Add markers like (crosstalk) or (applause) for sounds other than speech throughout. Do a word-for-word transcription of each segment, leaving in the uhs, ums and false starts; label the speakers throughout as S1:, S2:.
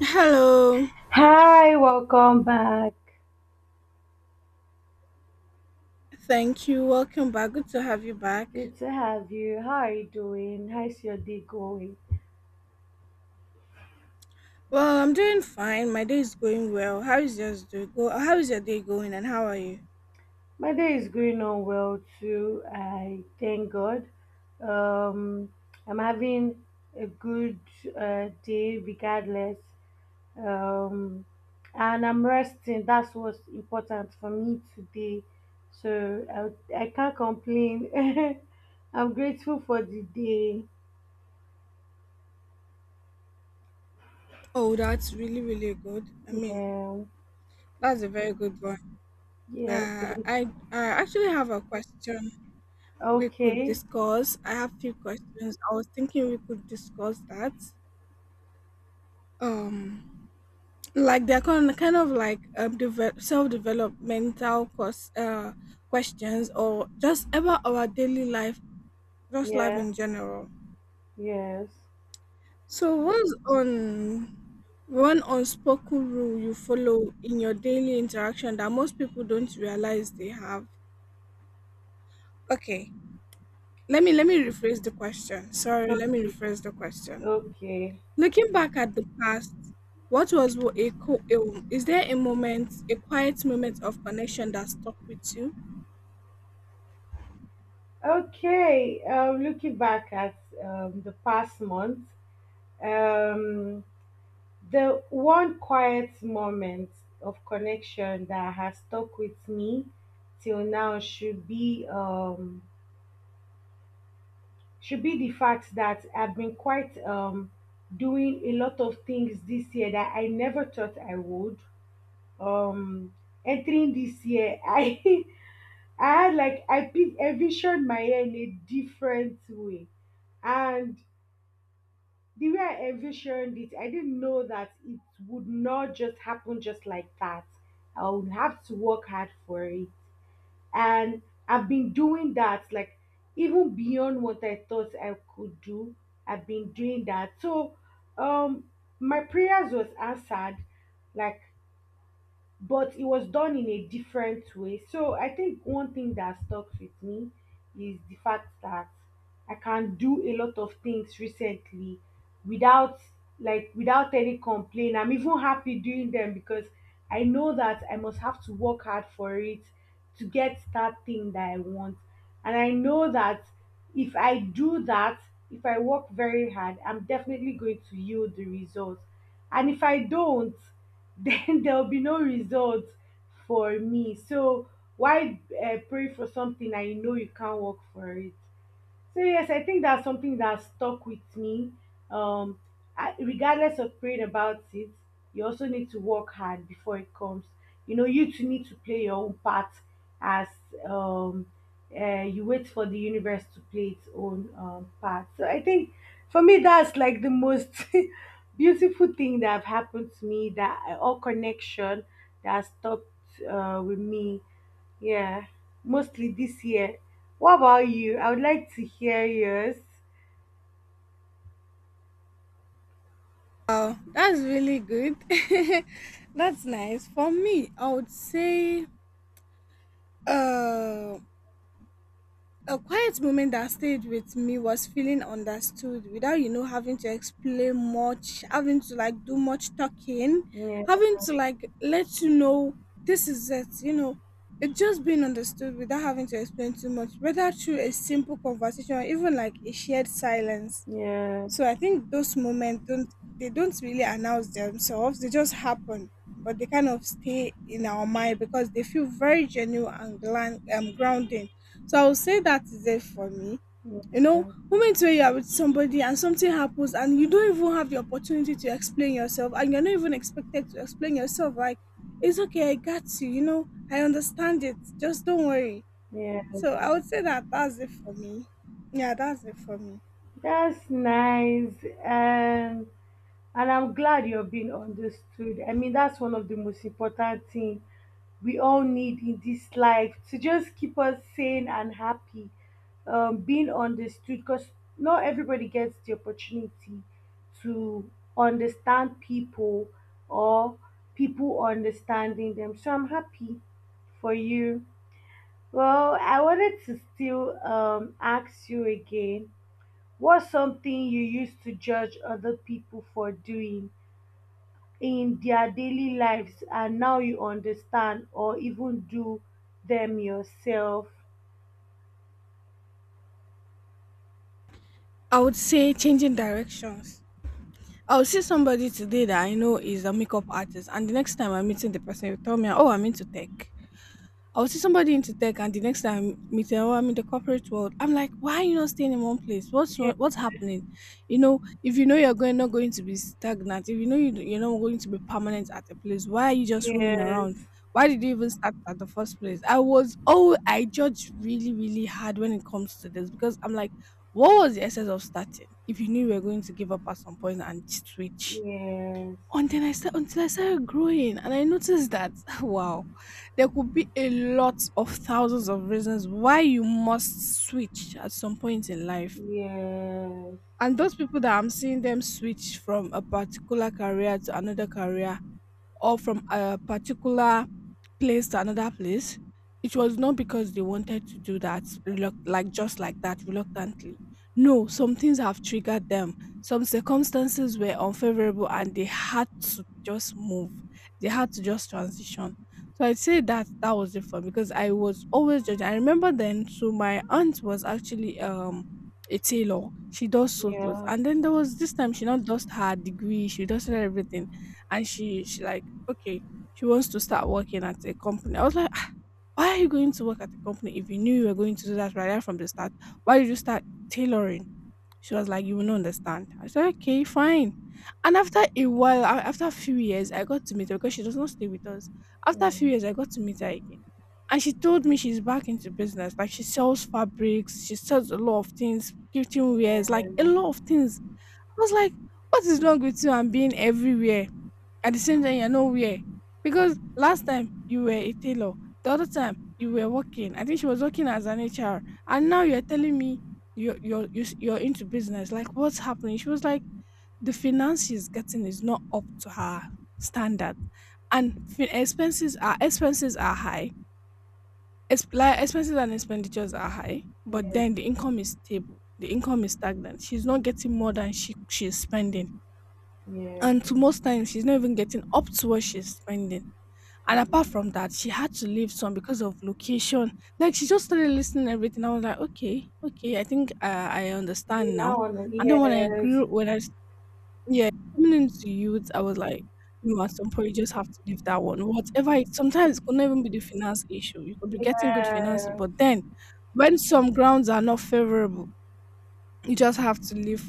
S1: Hello.
S2: Hi, welcome back.
S1: Thank you. Welcome back. Good to have you back.
S2: Good to have you. How are you doing? How's your day going?
S1: Well, I'm doing fine. My day is going well. How is yours doing? Go. How is your day going and how are you?
S2: My day is going on well too. I thank God. Um, I'm having a good uh, day regardless. Um, and I'm resting. That's what's important for me today. So I, I can't complain. (laughs) I'm grateful for the day.
S1: Oh, that's really really good. I mean,
S2: Yeah,
S1: that's a very good one.
S2: yeah,
S1: Uh,
S2: thank
S1: I
S2: you.
S1: I actually have a question we could
S2: Okay,
S1: discuss. I have few questions. I was thinking we could discuss that. Um, like they're kind kind of like um, deve- self developmental course uh questions or just about our daily life, just life
S2: yeah.
S1: in general.
S2: Yes.
S1: So, what's on one unspoken rule you follow in your daily interaction that most people don't realize they have? Okay, let me let me rephrase the question. Sorry, let me
S2: Okay.
S1: rephrase the question.
S2: Okay.
S1: Looking back at the past, what was wo- a, co- a is there a moment, a quiet moment of connection that stuck with you?
S2: Okay. Um, looking back at um, the past month, um, the one quiet moment of connection that has stuck with me till now should be um, should be the fact that I've been quite um, doing a lot of things this year that I never thought I would. Um, entering this year, (laughs) I I had like I pic- envisioned my hair in a different way, and the way I envisioned it, I didn't know that it would not just happen just like that. I would have to work hard for it, and I've been doing that like even beyond what I thought I could do. I've been doing that, so um, my prayers was answered. Like but it was done in a different way. So I think one thing that stuck with me is the fact that I can do a lot of things recently without like without any complaint. I'm even happy doing them because I know that I must have to work hard for it to get that thing that I want. And I know that if I do that, if I work very hard, I'm definitely going to yield the results. And if I don't, (laughs) then there will be no results for me. So why uh, pray for something I know you can't work for it? So yes, I think that's something that stuck with me. Um, I, regardless of praying about it, you also need to work hard before it comes. You know, you too need to play your own part as um, uh, you wait for the universe to play its own um, part. So I think for me, that's like the most (laughs) beautiful thing that have happened to me. That eh, all connection that has stuck uh, with me, yeah, mostly this year. What about you? I would like to hear yours.
S1: Wow, that's really good. (laughs) That's nice. For me, I would say uh a quiet moment that stayed with me was feeling understood without, you know, having to explain much, having to like do much talking,
S2: Yeah,
S1: having to like let you know this is it, you know. It just being understood without having to explain too much, whether through a simple conversation or even like a shared silence.
S2: yeah,
S1: So I think those moments don't, they don't really announce themselves. They just happen, but they kind of stay in our mind because they feel very genuine and glan- um, grounding. So I would say that is it for me. You know,
S2: yeah,
S1: moments where you are with somebody and something happens and you don't even have the opportunity to explain yourself and you're not even expected to explain yourself. Like, it's okay, I got you. You know, I understand it. Just don't worry.
S2: yeah.
S1: So I would say that that's it for me. Yeah, that's it for me.
S2: That's nice. Um, And I'm glad you're being understood. I mean, that's one of the most important thing we all need in this life to just keep us sane and happy. Um, being understood, because not everybody gets the opportunity to understand people or people understanding them. So I'm happy for you. Well, I wanted to still um, ask you again, what's something you used to judge other people for doing in their daily lives and now you understand or even do them yourself.
S1: I would say changing directions. I will see somebody today that I know is a makeup artist, and the next time I'm meeting the person, will tell me, "Oh, I'm into tech." I'll see somebody into tech, and the next time meet them, oh, I'm in the corporate world. I'm like, why are you not staying in one place? What's wrong?
S2: Yes,
S1: What's happening? You know, if you know you're going not going to be stagnant, if you know you, you're not going to be permanent at a place, why are you just roaming around?
S2: yes,
S1: Why did you even start at the first place? I was oh, I judge really really hard when it comes to this because I'm like, what was the essence of starting if you knew you were going to give up at some point and switch?
S2: yes,
S1: And then I start until I started growing, and I noticed that (laughs) wow, there could be a lot of thousands of reasons why you must switch at some point in life.
S2: yes,
S1: And those people that I'm seeing them switch from a particular career to another career, or from a particular place to another place, it was not because they wanted to do that, reluct- like just like that, reluctantly. No, some things have triggered them. Some circumstances were unfavorable and they had to just move. They had to just transition. So I'd say that that was it for me because I was always judging. I remember then, so my aunt was actually um a tailor. She does so
S2: yeah,
S1: clothes.
S2: yeah,
S1: And then there was this time she, not just her degree, she does everything, and she she like, okay, she wants to start working at a company. I was like, "Ah, why are you going to work at a company if you knew you were going to do that right there from the start? Why did you start tailoring?" She was like, you will not understand. I said, okay, fine. And after a while, a- after a few years, I got to meet her because she does not stay with us. After a few years, I got to meet her again, and she told me she's back into business. Like she sells fabrics, she sells a lot of things, gifting wares, like a lot of things. I was like, what is wrong with you? And being everywhere at the same time, you're nowhere. Because last time you were a tailor, the other time you were working. I think she was working as an H R, and now you're telling me you're you're you s- you're into business. Like what's happening? She was like, the finance she's getting is not up to her standard, and fin- expenses are, expenses are high. Ex- like expenses and expenditures are high,
S2: yeah,
S1: but then the income is stable. The income is stagnant. She's not getting more than she she's spending,
S2: yeah.
S1: and to most times she's not even getting up to what she's spending. And apart from that, she had to leave some because of location. Like she just started listening to everything. I was like, okay, okay, I think uh, I understand
S2: You
S1: now.
S2: now on the
S1: And then when I
S2: yes,
S1: grew, when I s- yeah, coming into youth, I was like, no, at some point you just have to leave that one. Whatever. It, sometimes it could not even be the finance issue. You could be getting good finance,
S2: yeah,
S1: but then when some grounds are not favorable, you just have to leave,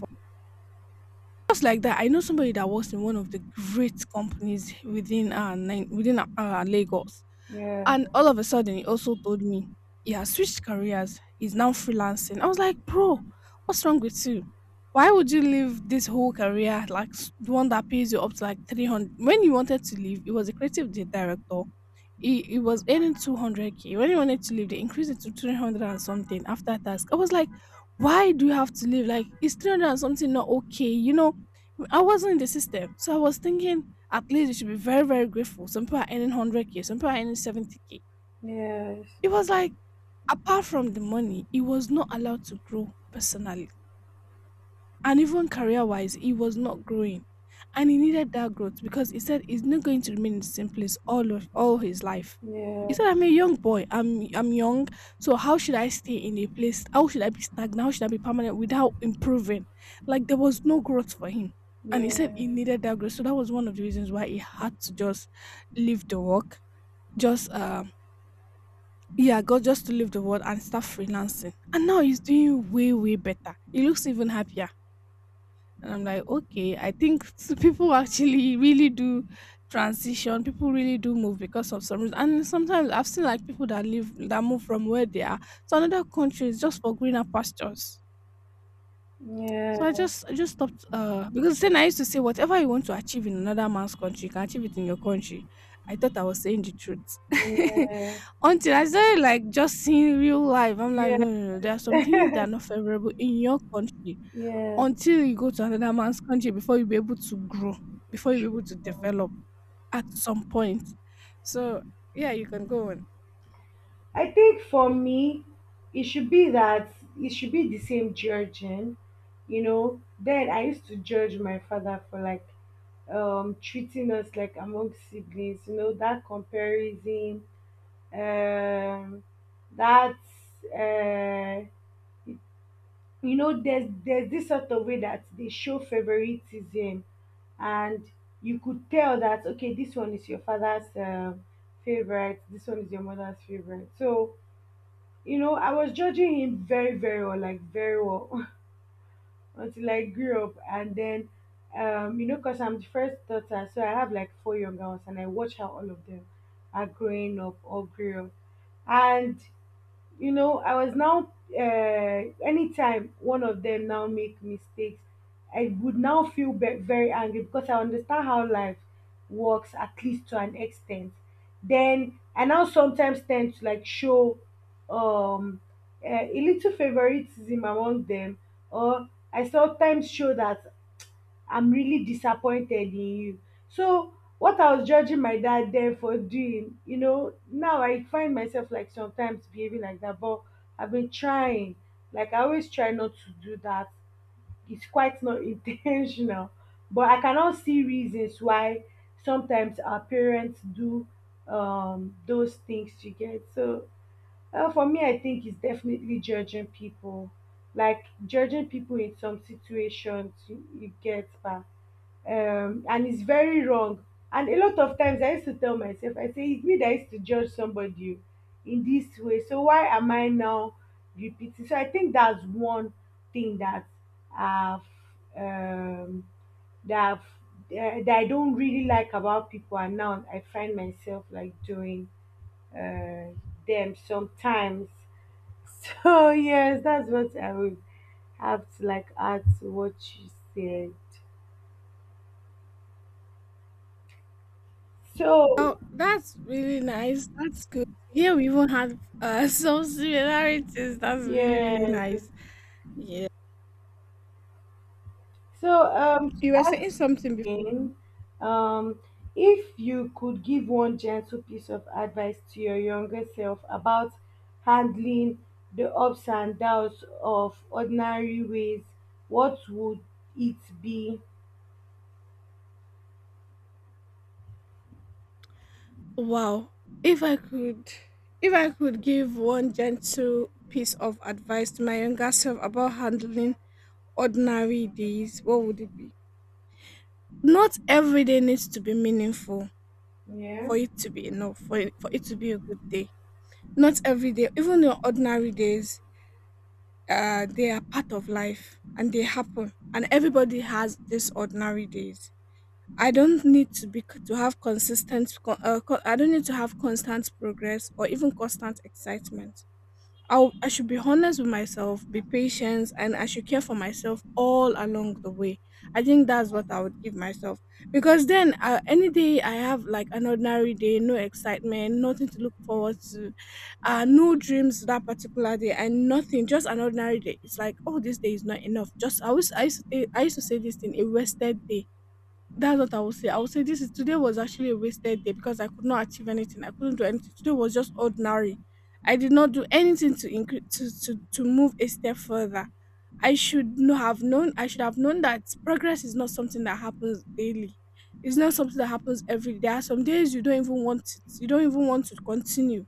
S1: just like that. I know somebody that works in one of the great companies within uh, nine, within uh, Lagos.
S2: yeah,
S1: And all of a sudden, he also told me he has switched careers. He's now freelancing. I was like, bro, what's wrong with you? Why would you leave this whole career, like s- the one that pays you up to like three hundred? When you wanted to leave, he was a creative di- director. He, he was earning two hundred k. When he wanted to leave, they increased it to three hundred and something after tax. I was like, why do you have to leave? Like is three hundred and something not okay? You know, I wasn't in the system, so I was thinking, at least you should be very very grateful. Some people are earning one hundred k, some people are earning seventy k.
S2: yes,
S1: It was like, apart from the money, he was not allowed to grow personally, and even career wise, he was not growing. And he needed that growth because he said he's not going to remain in the same place all of all his life. He
S2: yeah,
S1: said, I'm a young boy. I'm I'm young. So how should I stay in a place? How should I be stagnant? How should I be permanent without improving? Like there was no growth for him. And he said he
S2: yeah,
S1: needed that growth. So that was one of the reasons why he had to just leave the work. Just um yeah, go, just to leave the world and start freelancing. And now he's doing way, way better. He looks even happier. And I'm like, okay, I think (laughs) s- people actually really do transition. People really do move because of some reason. And sometimes I've seen like people that live that move from where they are to another country is just for greener pastures.
S2: yeah,
S1: So I just I just stopped uh because then I used to say whatever you want to achieve in another man's country, you can achieve it in your country. I thought I was saying the truth. (laughs) Until I started like just seeing real life. I'm like,
S2: yeah,
S1: no, no, no, there are some things that are not favorable in your country
S2: yeah, (laughs)
S1: until you go to another man's country before you'll be able to grow, before you'll be
S2: yeah.
S1: able to develop at some point. So yeah, you can go on.
S2: I think for me, it should be that it should be the same judging, you know. Then I used to judge my father for like um treating us like among siblings, you know, that comparison, um that uh you know there's there's this sort of way that they show favoritism, and you could tell that, okay, this one is your father's um, favorite, this one is your mother's favorite. So you know, I was judging him very, very well, like very well, (laughs) until I grew up. And then, um, you know, because I'm the first daughter, so I have like four younger ones, and I watch how all of them are growing up or grew up. And you know, I was now uh, anytime one of them now make mistakes, i would now feel be- very angry because I understand how life works, at least to an extent. Then I now sometimes tend to like show um uh, a little favoritism among them, or I sometimes show that I'm really disappointed in you. So what I was judging my dad then for doing, you know, now I find myself like sometimes behaving like that, but I've been trying. Like I always try not to do that. It's quite not (laughs) intentional. But I cannot see reasons why sometimes our parents do um those things, you get. So well, for me, I think it's definitely judging people, like judging people in some situations. You, you get, pa. um, and it's very wrong. And a lot of times, I used to tell myself, I say, it's me that used to judge somebody in this way. So why am I now repeating? So I think that's one thing that I've um, that I've, uh, that I don't really like about people, and now I find myself like doing uh, them sometimes. So yes, that's what I would have to like add to what you said.
S1: Oh,
S2: So
S1: that's really nice. That's good. Yeah, we even had uh, (laughs) some similarities. That's really,
S2: yeah.
S1: really nice. Yeah.
S2: So um to
S1: You were saying
S2: ask you
S1: something before.
S2: again, um if you could give one gentle piece of advice to your younger self about handling the ups and downs of ordinary ways, what would it be?
S1: Wow. If I could if I could give one gentle piece of advice to my younger self about handling ordinary days, what would it be? Not every day needs to be meaningful,
S2: Yeah.
S1: for it to be enough, for it, for it to be a good day. Not every day, even on ordinary days, uh, they are part of life and they happen. And everybody has these ordinary days. I don't need to be to have consistent. Co- Uh, co- I don't need to have constant progress or even constant excitement. I'll, I should be honest with myself, be patient, and I should care for myself all along the way. I think that's what I would give myself because then uh, any day I have like an ordinary day, no excitement, nothing to look forward to, uh, no dreams that particular day, and nothing, just an ordinary day. It's like, oh, this day is not enough. Just I was I used to, think- I used to say this thing, a wasted day, that's what I will say. I will say this is today was actually a wasted day because I could not achieve anything. I couldn't do anything. Today was just ordinary. I did not do anything to increase to, to to move a step further. I should know have known. I should have known that progress is not something that happens daily. It's not something that happens every day. There are some days you don't even want it. You don't even want to continue.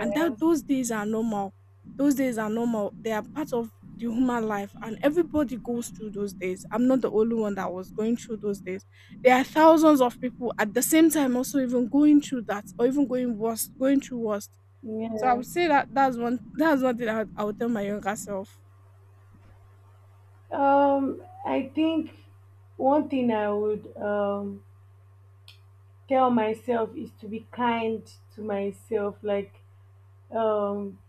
S1: And that those days are normal. Those days are normal. They are part of the human life and everybody goes through those days. I'm not the only one that was going through those days. There are thousands of people at the same time also even going through that or even going worse, going through worse. So I
S2: Yeah.
S1: would say that that's one that's one thing I would, I would tell my younger self.
S2: Um, I think one thing I would um, tell myself is to be kind to myself. Like, um,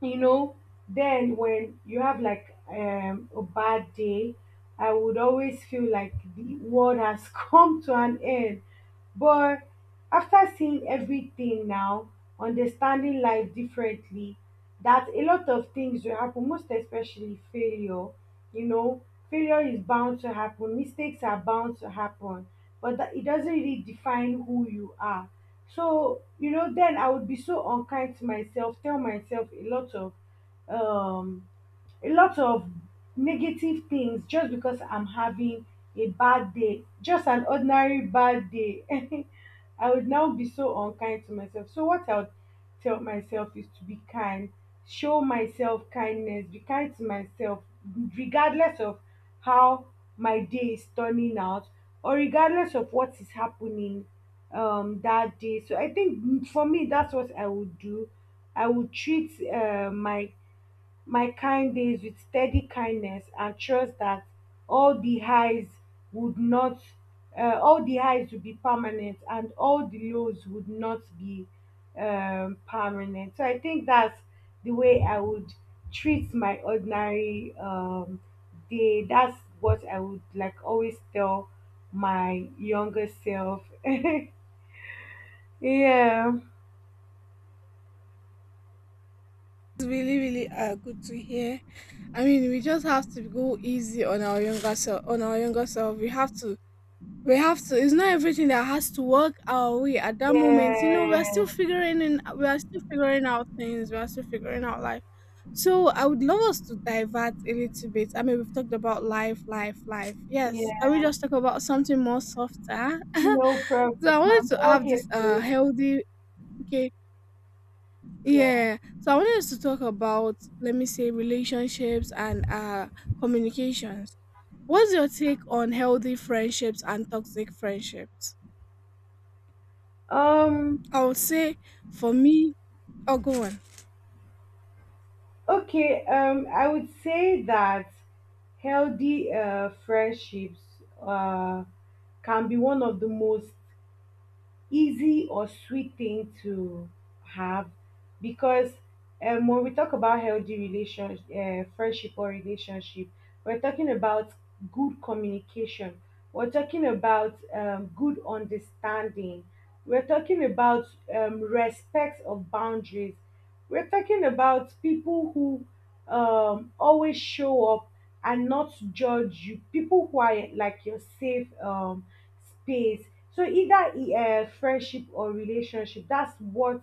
S2: you know, then when you have like um, a bad day, I would always feel like the world has (laughs) come to an end. But after seeing everything now, understanding life differently, that a lot of things will happen, most especially failure. You know, failure is bound to happen, mistakes are bound to happen, but that, it doesn't really define who you are. So, you know, then I would be so unkind to myself, tell myself a lot of um a lot of negative things just because I'm having a bad day, just an ordinary bad day. (laughs) I would now be so unkind to myself. So, what I would tell myself is to be kind, show myself kindness, be kind to myself, regardless of how my day is turning out, or regardless of what is happening um, that day. So, I think mm, for me, that's what I would do. I would treat uh, my my kind days with steady kindness and trust that all the highs would not uh, all the highs would be permanent and all the lows would not be um, permanent. So I think that's the way I would treat my ordinary um, day. That's what I would like always tell my younger self. (laughs) Yeah.
S1: It's really, really uh, good to hear. I mean, we just have to go easy on our younger self. On our younger self, we have to we have to, it's not everything that has to work our way at that moment. You know, we're
S2: Yeah.
S1: still figuring in we are still figuring out things, we are still figuring out life. So I would love us to divert a little bit. I mean, we've talked about life life life, yes, can we
S2: Yeah,
S1: just talk about something more softer? (laughs)
S2: no
S1: So I
S2: problem,
S1: wanted
S2: I'm
S1: to
S2: all
S1: have
S2: here
S1: this
S2: for
S1: uh,
S2: you.
S1: healthy, okay, yeah, so I wanted us to talk about, let me say, relationships and uh, communications. What's your take on healthy friendships and toxic friendships?
S2: Um,
S1: I would say, for me, oh, go on.
S2: okay, um, I would say that healthy uh, friendships uh, can be one of the most easy or sweet thing to have, because um, when we talk about healthy relationship, uh, friendship or relationship, we're talking about good communication. We're talking about um, good understanding. We're talking about um, respect of boundaries. We're talking about people who um, always show up and not judge you, people who are like your safe um, space. So either e- uh, friendship or relationship, that's what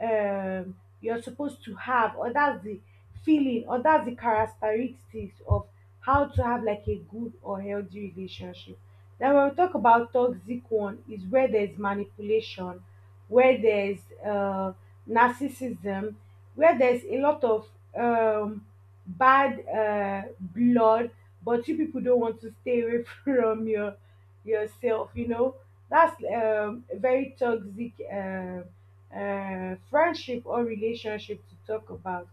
S2: um, you're supposed to have, or that's the feeling, or that's the characteristics of how to have like a good or healthy relationship. Then when we talk about toxic one, is where there's manipulation, where there's uh, narcissism, where there's a lot of um, bad uh, blood, but you people don't want to stay away (laughs) from your yourself. You know, that's um, a very toxic uh, uh, friendship or relationship to talk about.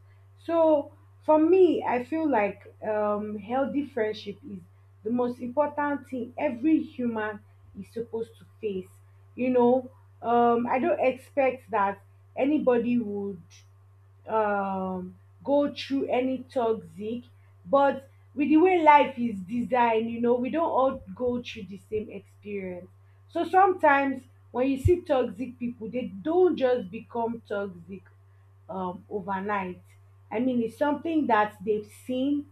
S2: So for me, I feel like um, healthy friendship is the most important thing every human is supposed to face, you know. um I don't expect that anybody would um go through any toxic, but with the way life is designed, you know, we don't all go through the same experience. So sometimes when you see toxic people, they don't just become toxic um, overnight. I mean, it's something that they've seen,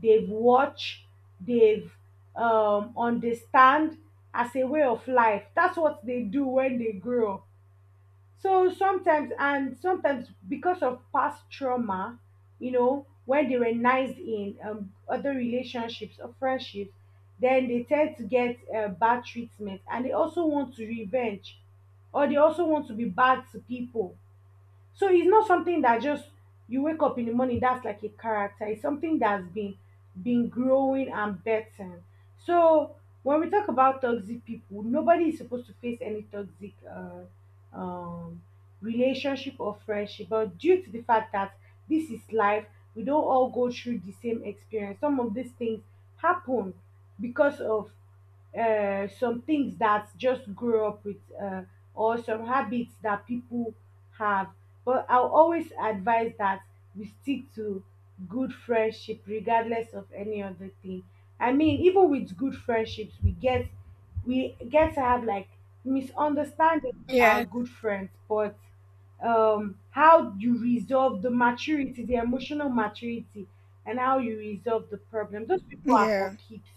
S2: they've watched, they've um, understand as a way of life. That's what they do when they grow up. So sometimes, and sometimes because of past trauma, you know, when they were nice in um, other relationships or friendships, then they tend to get uh, bad treatment, and they also want to revenge, or they also want to be bad to people. So it's not something that just you wake up in the morning, that's like a character. It's something that's been been growing and better. So when we talk about toxic people, nobody is supposed to face any toxic uh, um, relationship or friendship. But due to the fact that this is life, we don't all go through the same experience. Some of these things happen because of uh, some things that just grow up with, uh, or some habits that people have, but I'll always advise that we stick to good friendship regardless of any other thing. I mean, even with good friendships we get we get to have like misunderstandings with our
S1: Yeah,
S2: good friends, but um how you resolve — the maturity, the emotional maturity, and how you resolve the problem — those people are for
S1: yeah,
S2: keeps.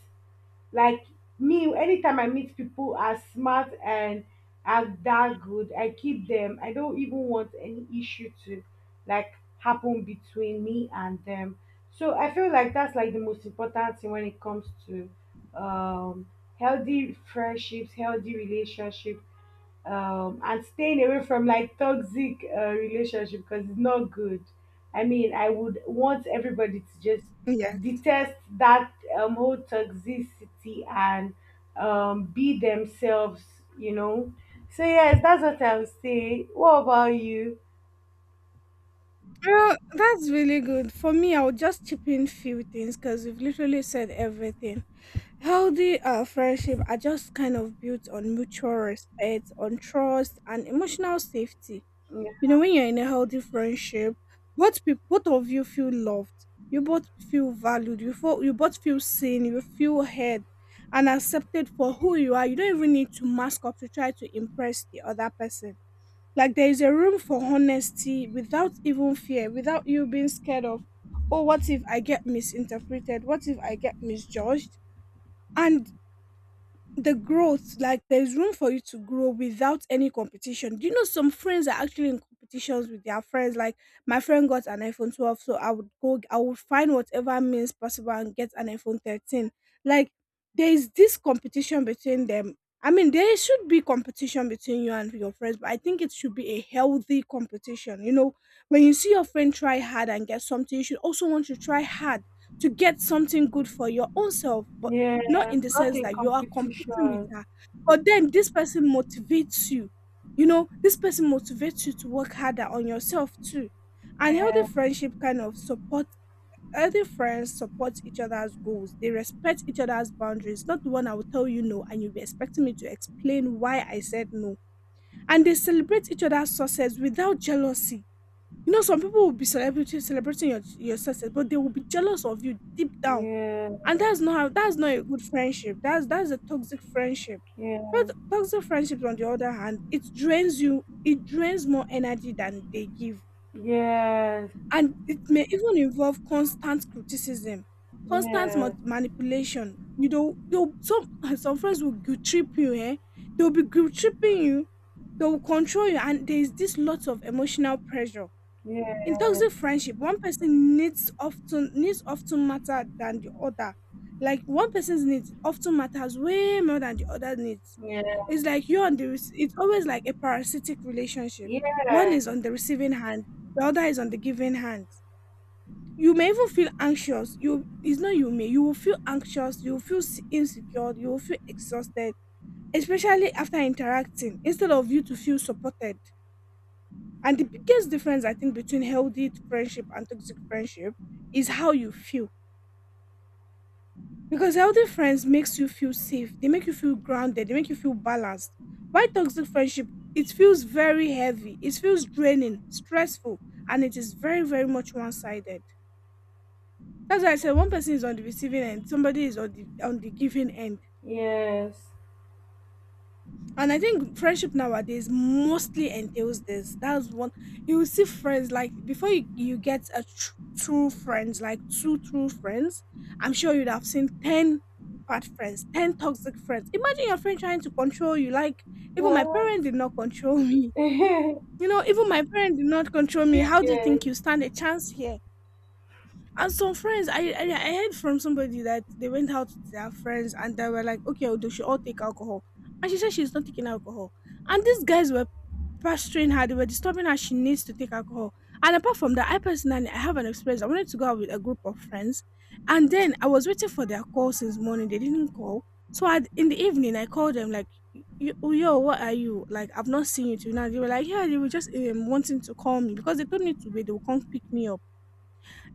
S2: Like me, anytime I meet people as smart and as that good, I keep them. I don't even want any issue to like happen between me and them. So I feel like that's like the most important thing when it comes to um healthy friendships, healthy relationships, um, and staying away from like toxic uh, relationship, because it's not good. I mean, I would want everybody to just
S1: yeah.
S2: detest that um, whole toxicity and um, be themselves, you know. So yes, that's what I would say. What about you?
S1: Well, that's really good. For me, I would just chip in few things because we've literally said everything. Healthy uh, friendship are just kind of built on mutual respect, on trust, and emotional safety.
S2: Yeah,
S1: You know, when you're in a healthy friendship, both people, both of you feel loved. You both feel valued. You feel, you both feel seen. You feel heard and accepted for who you are. You don't even need to mask up to try to impress the other person. Like, there is a room for honesty without even fear, without you being scared of, oh, what if I get misinterpreted? What if I get misjudged? And the growth, like there's room for you to grow without any competition. Do you know some friends are actually in competitions with their friends? Like, my friend got an iPhone twelve, so I would go, I would find whatever means possible and get an iPhone thirteen. Like, there is this competition between them. I mean, there should be competition between you and your friends, but I think it should be a healthy competition. You know, when you see your friend try hard and get something, you should also want to try hard to get something good for your own self. But
S2: yeah,
S1: not in the
S2: not
S1: sense
S2: in
S1: that you are competing with her,
S2: competition.
S1: but then this person motivates you. You know, this person motivates you to work harder on yourself too. And healthy friendship kind of support healthy friends support each other's goals. They respect each other's boundaries. Not the one I will tell you no and you'll be expecting me to explain why I said no. And they celebrate each other's success without jealousy. You know, some people will be celebrating celebrating your, your success, but they will be jealous of you deep down,
S2: Yeah,
S1: and that's not how that's not a good friendship. That's that's a toxic friendship.
S2: yeah,
S1: But toxic friendships on the other hand, it drains you, it drains more energy than they give.
S2: yes,
S1: And it may even involve constant criticism, constant ma-
S2: yes,
S1: manipulation. You know, you some (laughs) some friends will guilt trip you, eh? They'll be guilt tripping you, they'll control you, and there is this lot of emotional pressure in
S2: yes,
S1: toxic friendship. One person needs often needs often matter than the other. Like, one person's needs often matters way more than the other needs.
S2: yeah,
S1: It's like you on the rec- it's always like a parasitic relationship. One
S2: yeah,
S1: is on the receiving hand, the other is on the giving hand. You may even feel anxious. You it's not you may You will feel anxious. You will feel s- insecure. You will feel exhausted, especially after interacting. Instead of you to feel supported. And the biggest difference I think between healthy friendship and toxic friendship is how you feel. Because healthy friends makes you feel safe. They make you feel grounded. They make you feel balanced. Why toxic friendship? It feels very heavy. It feels draining, stressful, and it is very, very much one-sided. That's why I said one person is on the receiving end, somebody is on the on the giving end.
S2: yes.
S1: And I think friendship nowadays mostly entails this. That's one, you will see friends like, before you, you get a tr- true friends, like two true friends, I'm sure you'd have seen ten bad friends, ten toxic friends. Imagine your friend trying to control you. Like, even my
S2: What?
S1: parent did not control (laughs) me.
S2: (laughs)
S1: You know, even my parent did not control me.
S2: You
S1: How do you
S2: get
S1: think you stand a chance here? And some friends, I, I I heard from somebody that they went out to their friends and they were like, okay, they should all take alcohol. And she said she's not taking alcohol. And these guys were pestering her, they were disturbing her, she needs to take alcohol. And apart from that, I personally, I have an experience. I wanted to go out with a group of friends. And then I was waiting for their call since morning. They didn't call. So I, in the evening, I called them like, "Y- y- Yo, what are you? Like, I've not seen you till now." They were like, yeah, they were just um, wanting to call me because they told me to wait. They will come pick me up.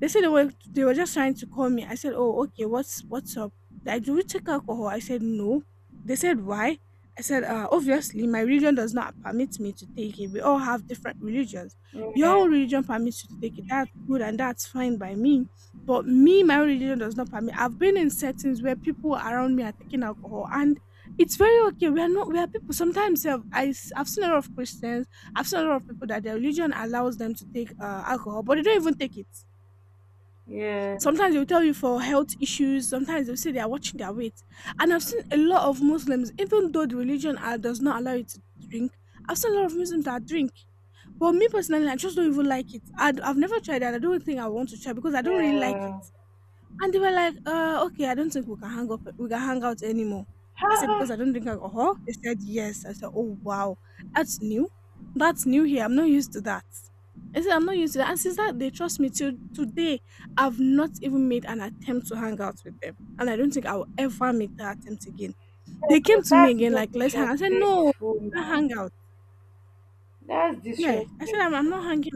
S1: They said they were they were just trying to call me. I said, "Oh, okay. What's what's up? Like, do you take alcohol?" I said, "No." They said, "Why?" I said, uh, "Obviously, my religion does not permit me to take it. We all have different religions. Your
S2: yeah,
S1: own religion permits you to take it. That's good and that's fine by me." But me, my own religion does not permit. I've been in settings where people around me are taking alcohol, and it's very okay. We are not. We are people. Sometimes I've, I, s- I've seen a lot of Christians. I've seen a lot of people that their religion allows them to take uh, alcohol, but they don't even take it.
S2: yeah,
S1: Sometimes they'll tell you for health issues, sometimes they'll say they are watching their weight. And I've seen a lot of Muslims, even though the religion uh, does not allow you to drink, I've seen a lot of Muslims that drink. But me personally, I just don't even like it. I, have never tried that. I don't think I want to try because I don't really like it.
S2: yeah.
S1: And they were like, "Uh, okay, I don't think we can hang up we can hang out anymore." I said,
S2: Ha,
S1: "Because I don't drink alcohol?" They said, "Yes." I said, "Oh, wow. That's new. That's new here. I'm not used to that." I said, "I'm not used to that." And since that they trust me till today, I've not even made an attempt to hang out with them. And I don't think I will ever make that attempt again. They came
S2: because
S1: to me
S2: that's
S1: again
S2: even
S1: like, "Let's hang." I said, "No,
S2: disrespectful
S1: I can't
S2: now.
S1: hang out."
S2: That's
S1: Yeah. I said, "I'm, I'm not
S2: disrespectful.
S1: hanging.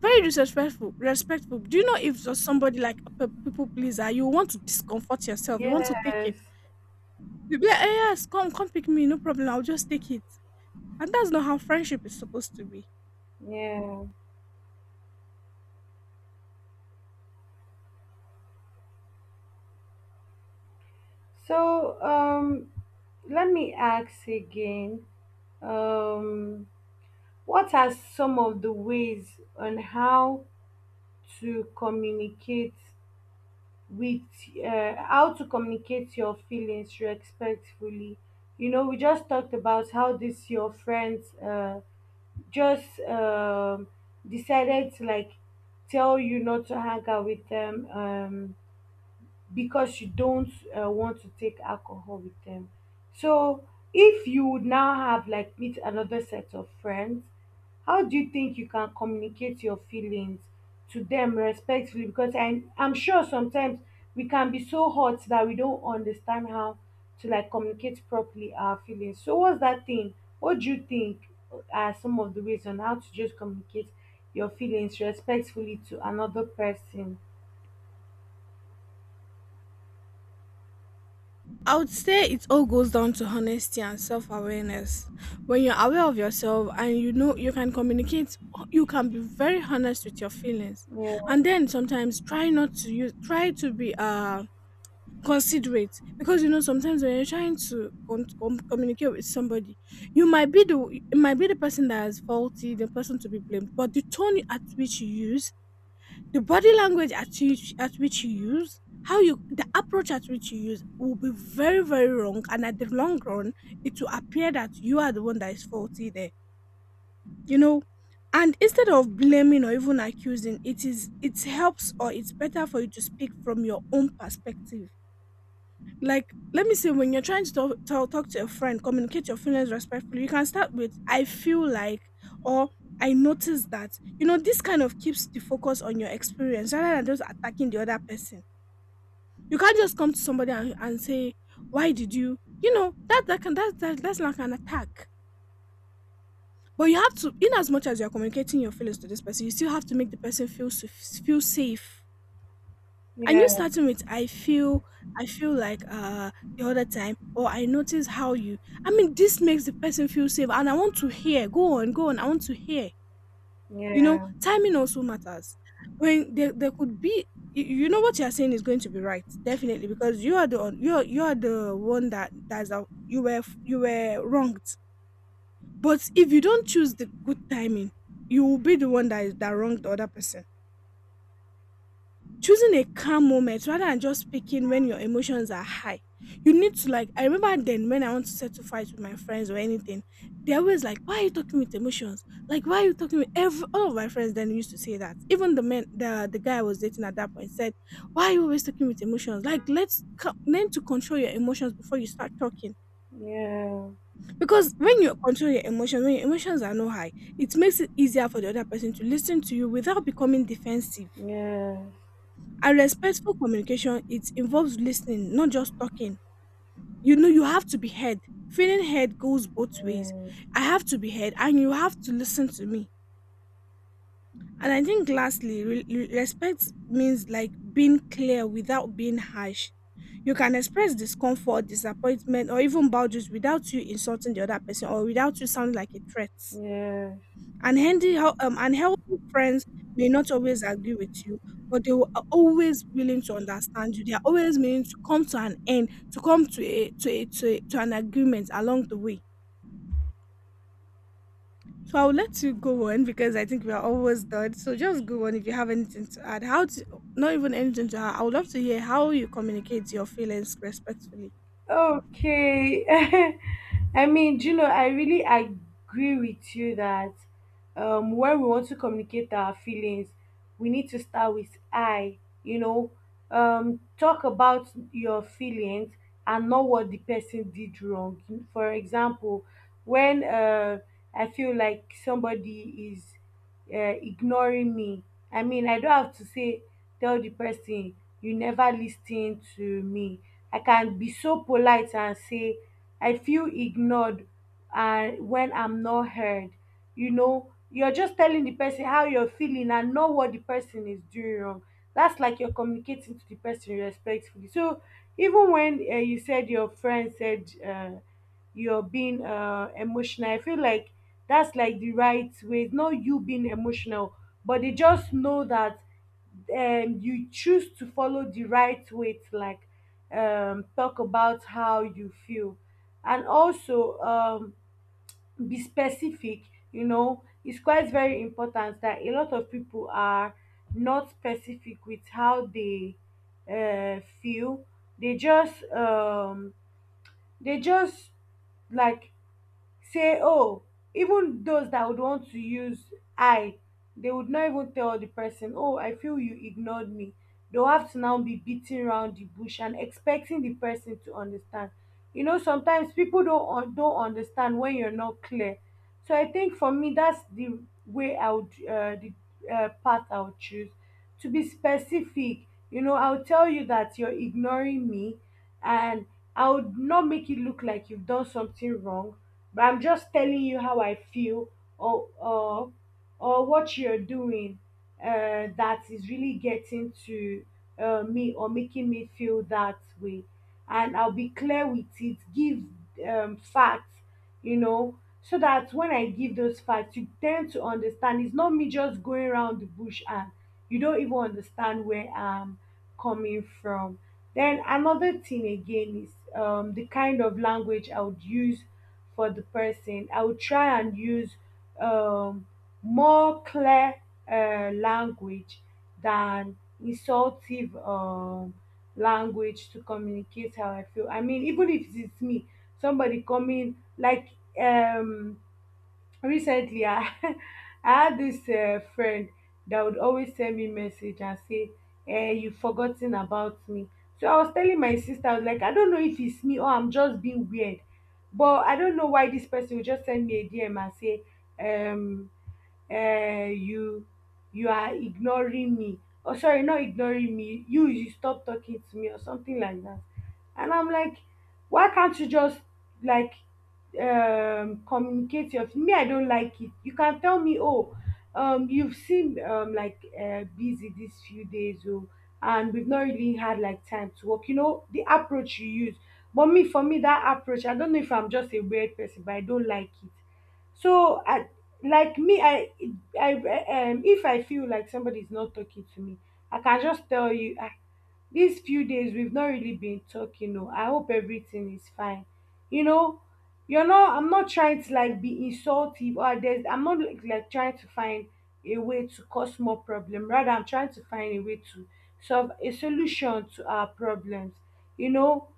S1: Very disrespectful respectful. Do you know if you somebody like a pe- people pleaser, you want to discomfort yourself, you want to take
S2: Yes,
S1: it. You be like, 'Eh, yes, come, come pick me, no problem, I'll just take it.'" And that's not how friendship is supposed to be.
S2: yeah. So um let me ask again. Um what are some of the ways on how to communicate with — uh, how to communicate your feelings respectfully? You know, we just talked about how this your friends uh, just um, decided to like tell you not to hang out with them. Um, because you don't uh, want to take alcohol with them. So if you would now have like meet another set of friends, how do you think you can communicate your feelings to them respectfully? Because I, I'm sure sometimes we can be so hot that we don't understand how to like communicate properly our feelings. So what's that thing? What do you think are some of the ways on how to just communicate your feelings respectfully to another person?
S1: I would say it all goes down to honesty and self awareness. When you're aware of yourself and you know you can communicate, you can be very honest with your feelings.
S2: Yeah,
S1: And then sometimes try not to use, try to be uh, considerate, because you know sometimes when you're trying to con- com- communicate with somebody, you might be the, it might be the person that is faulty, the person to be blamed, but the tone at which you use, the body language at which at which you use, how you the approach at which you use will be very very wrong, and at the long run, it will appear that you are the one that is faulty there. You know, and instead of blaming or even accusing, it is it helps or it's better for you to speak from your own perspective like, let me say, when you're trying to talk, talk, talk to a friend, communicate your feelings respectfully. You can start with, I feel like, or I notice that. You know, this kind of keeps the focus on your experience rather than just attacking the other person. You can't just come to somebody and, and say, why did you? You know, that, that can that, that that's like an attack. But you have to, in as much as you're communicating your feelings to this person, you still have to make the person feel s- feel safe. And you
S2: yeah,
S1: starting with I feel, I feel like uh the other time, or I notice how you, I mean, this makes the person feel safe and I want to hear. Go on, go on, I want to hear. You know,
S2: yeah.
S1: timing also matters. When there there could be, you you know what you're saying is going to be right, definitely, because you are the on- you are you are the one that that's out you were f- you were wronged. But if you don't choose the good timing, you will be the one that is that wronged the other person. Choosing a calm moment rather than just speaking when your emotions are high. You need to, like, I remember then when I want to settle fights with my friends or anything, they're always like, why are you talking with emotions? Like why are you talking with every all of my friends then used to say that. Even the men the the guy I was dating at that point said, why are you always talking with emotions? Like let's co- learn to control your emotions before you start talking.
S2: Yeah,
S1: Because when you control your emotions, when your emotions are not high, it makes it easier for the other person to listen to you without becoming defensive.
S2: yeah.
S1: And respectful communication, it involves listening, not just talking. You know, you have to be heard. Feeling heard goes both ways.
S2: Yeah.
S1: I have to be heard, and you have to listen to me. And I think, lastly, re- re- respect means like being clear without being harsh. You can express discomfort, disappointment, or even boundaries without you insulting the other person or without you sounding like a threat.
S2: Yeah.
S1: Unhealthy, hel- um, unhealthy friends may not always agree with you, but they will- are always willing to understand you. They are always willing to come to an end, to come to a to a, to, a, to an agreement along the way. So I'll let you go on because I think we are almost done. So just go on if you have anything to add. How to Not even anything to add. I would love to hear how you communicate your feelings respectfully.
S2: Okay. (laughs) I mean, do you know, I really agree with you that, um, when we want to communicate our feelings, we need to start with I, you know, um, talk about your feelings and not what the person did wrong. For example, when, uh, I feel like somebody is uh, ignoring me, I mean, I don't have to say tell the person you never lis to me. I can be so polite and say I feel ignored and when I'm not heard. You know, you're just telling the person how you're feeling and not what the person is doing wrong. That's like you're communicating to the person respectfully. So even when, uh, you said your friend said, uh, you're being uh, emotional, I feel like that's like the right way. It's not you being emotional, but they just know that um, you choose to follow the right way to like um, talk about how you feel. And also um, be specific. You know, it's quite very important that a lot of people are not specific with how they uh, feel. They just um, they just like say oh, even those that would want to use I, they would not even tell the person, oh, I feel you ignored me. They'll have to now be beating around the bush and expecting the person to understand. You know, sometimes people don't un- don't understand when you're not clear. So I think for me, that's the way I would — uh, the uh, path I would choose, to be specific. You know, I'll tell you that you're ignoring me, and I would not make it look like you've done something wrong, but I'm just telling you how I feel. Or or or what you're doing uh, that is really getting to, uh, me or making me feel that way. And I'll be clear with it. Give um, facts, you know so that when I give those facts, you tend to understand. It's not me just going around the bush and you don't even understand where I'm coming from. Then another thing again is um, the kind of language I would use for the person. I will try and use um, more clear uh, language than insultive um, language to communicate how I feel. I mean, even if it's me, somebody coming like, um recently, I (laughs) I had this um friend that would always send me message and say, eh, you have forgotten about me. So I was telling my sister, I was like, I don't know if it's me or I'm just being weird, but I don't know why this person would just send me a DM and say, um uh, you you are ignoring me, or sorry, not ignoring me, you you stop talking to me or something like that. And I'm like, why can't you just like um communicate your — me, I don't like it. You can tell me, oh, um you've seen um like, uh, busy these few days, oh, and we've not really had like time to work, you know the approach you use. But me, for me, that approach, I don't know if I'm just a weird person, but I don't like it. So I, like me, i i um if I feel like somebody is not talking to me, I can just tell you, these few days we've not really been talking. Oh, I hope everything is fine. You know, you're not — I'm not trying to like be insultive, or there's — I'm not like, like trying to find a way to cause more problem. Rather, I'm trying to find a way to solve a solution to our problems you know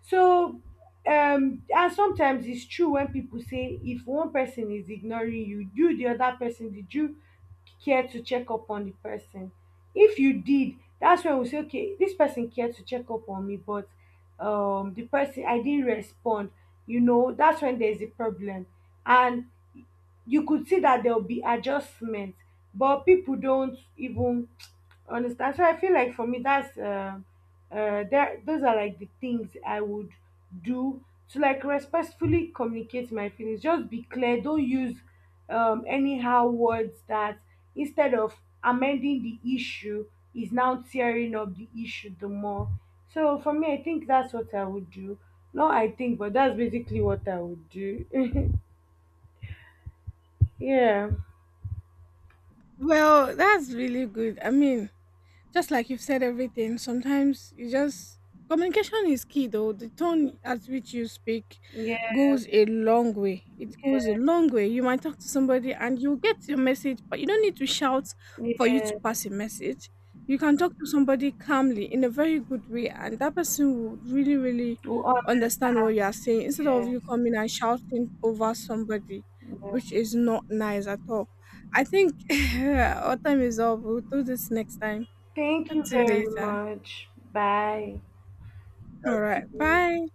S2: so um and sometimes it's true when people say if one person is ignoring you, you — the other person — did you care to check up on the person? If you did, that's when we say okay, this person cared to check up on me, but um the person, I didn't respond. You know, that's when there's a problem. And you could see that there'll be adjustment, but people don't even understand. So I feel like for me, that's uh, uh, there. Those are like the things I would do to like respectfully communicate my feelings. Just be clear. Don't use um, anyhow words that, instead of amending the issue, is now tearing up the issue the more. So for me, I think that's what I would do. No, I think, but that's basically what I would do. (laughs) Yeah.
S1: Well, that's really good. I mean, just like you've said, everything sometimes you just, communication is key though. The tone at which you speak
S2: Yeah.
S1: goes a long way. It goes a long way. You might talk to somebody and you'll get your message, but you don't need to shout for you to
S2: Yes,
S1: pass a message. You can talk to somebody calmly in a very good way and that person will really really
S2: we
S1: understand what you are
S2: understand.
S1: saying instead of
S2: Yes,
S1: you coming and shouting over somebody, which
S2: yes.
S1: is not nice at all. I think (laughs) our time is up. We'll do this next time.
S2: Thank
S1: Talk
S2: you
S1: to you
S2: very
S1: later.
S2: much. Bye.
S1: All
S2: Talk to
S1: right.
S2: you.
S1: Bye.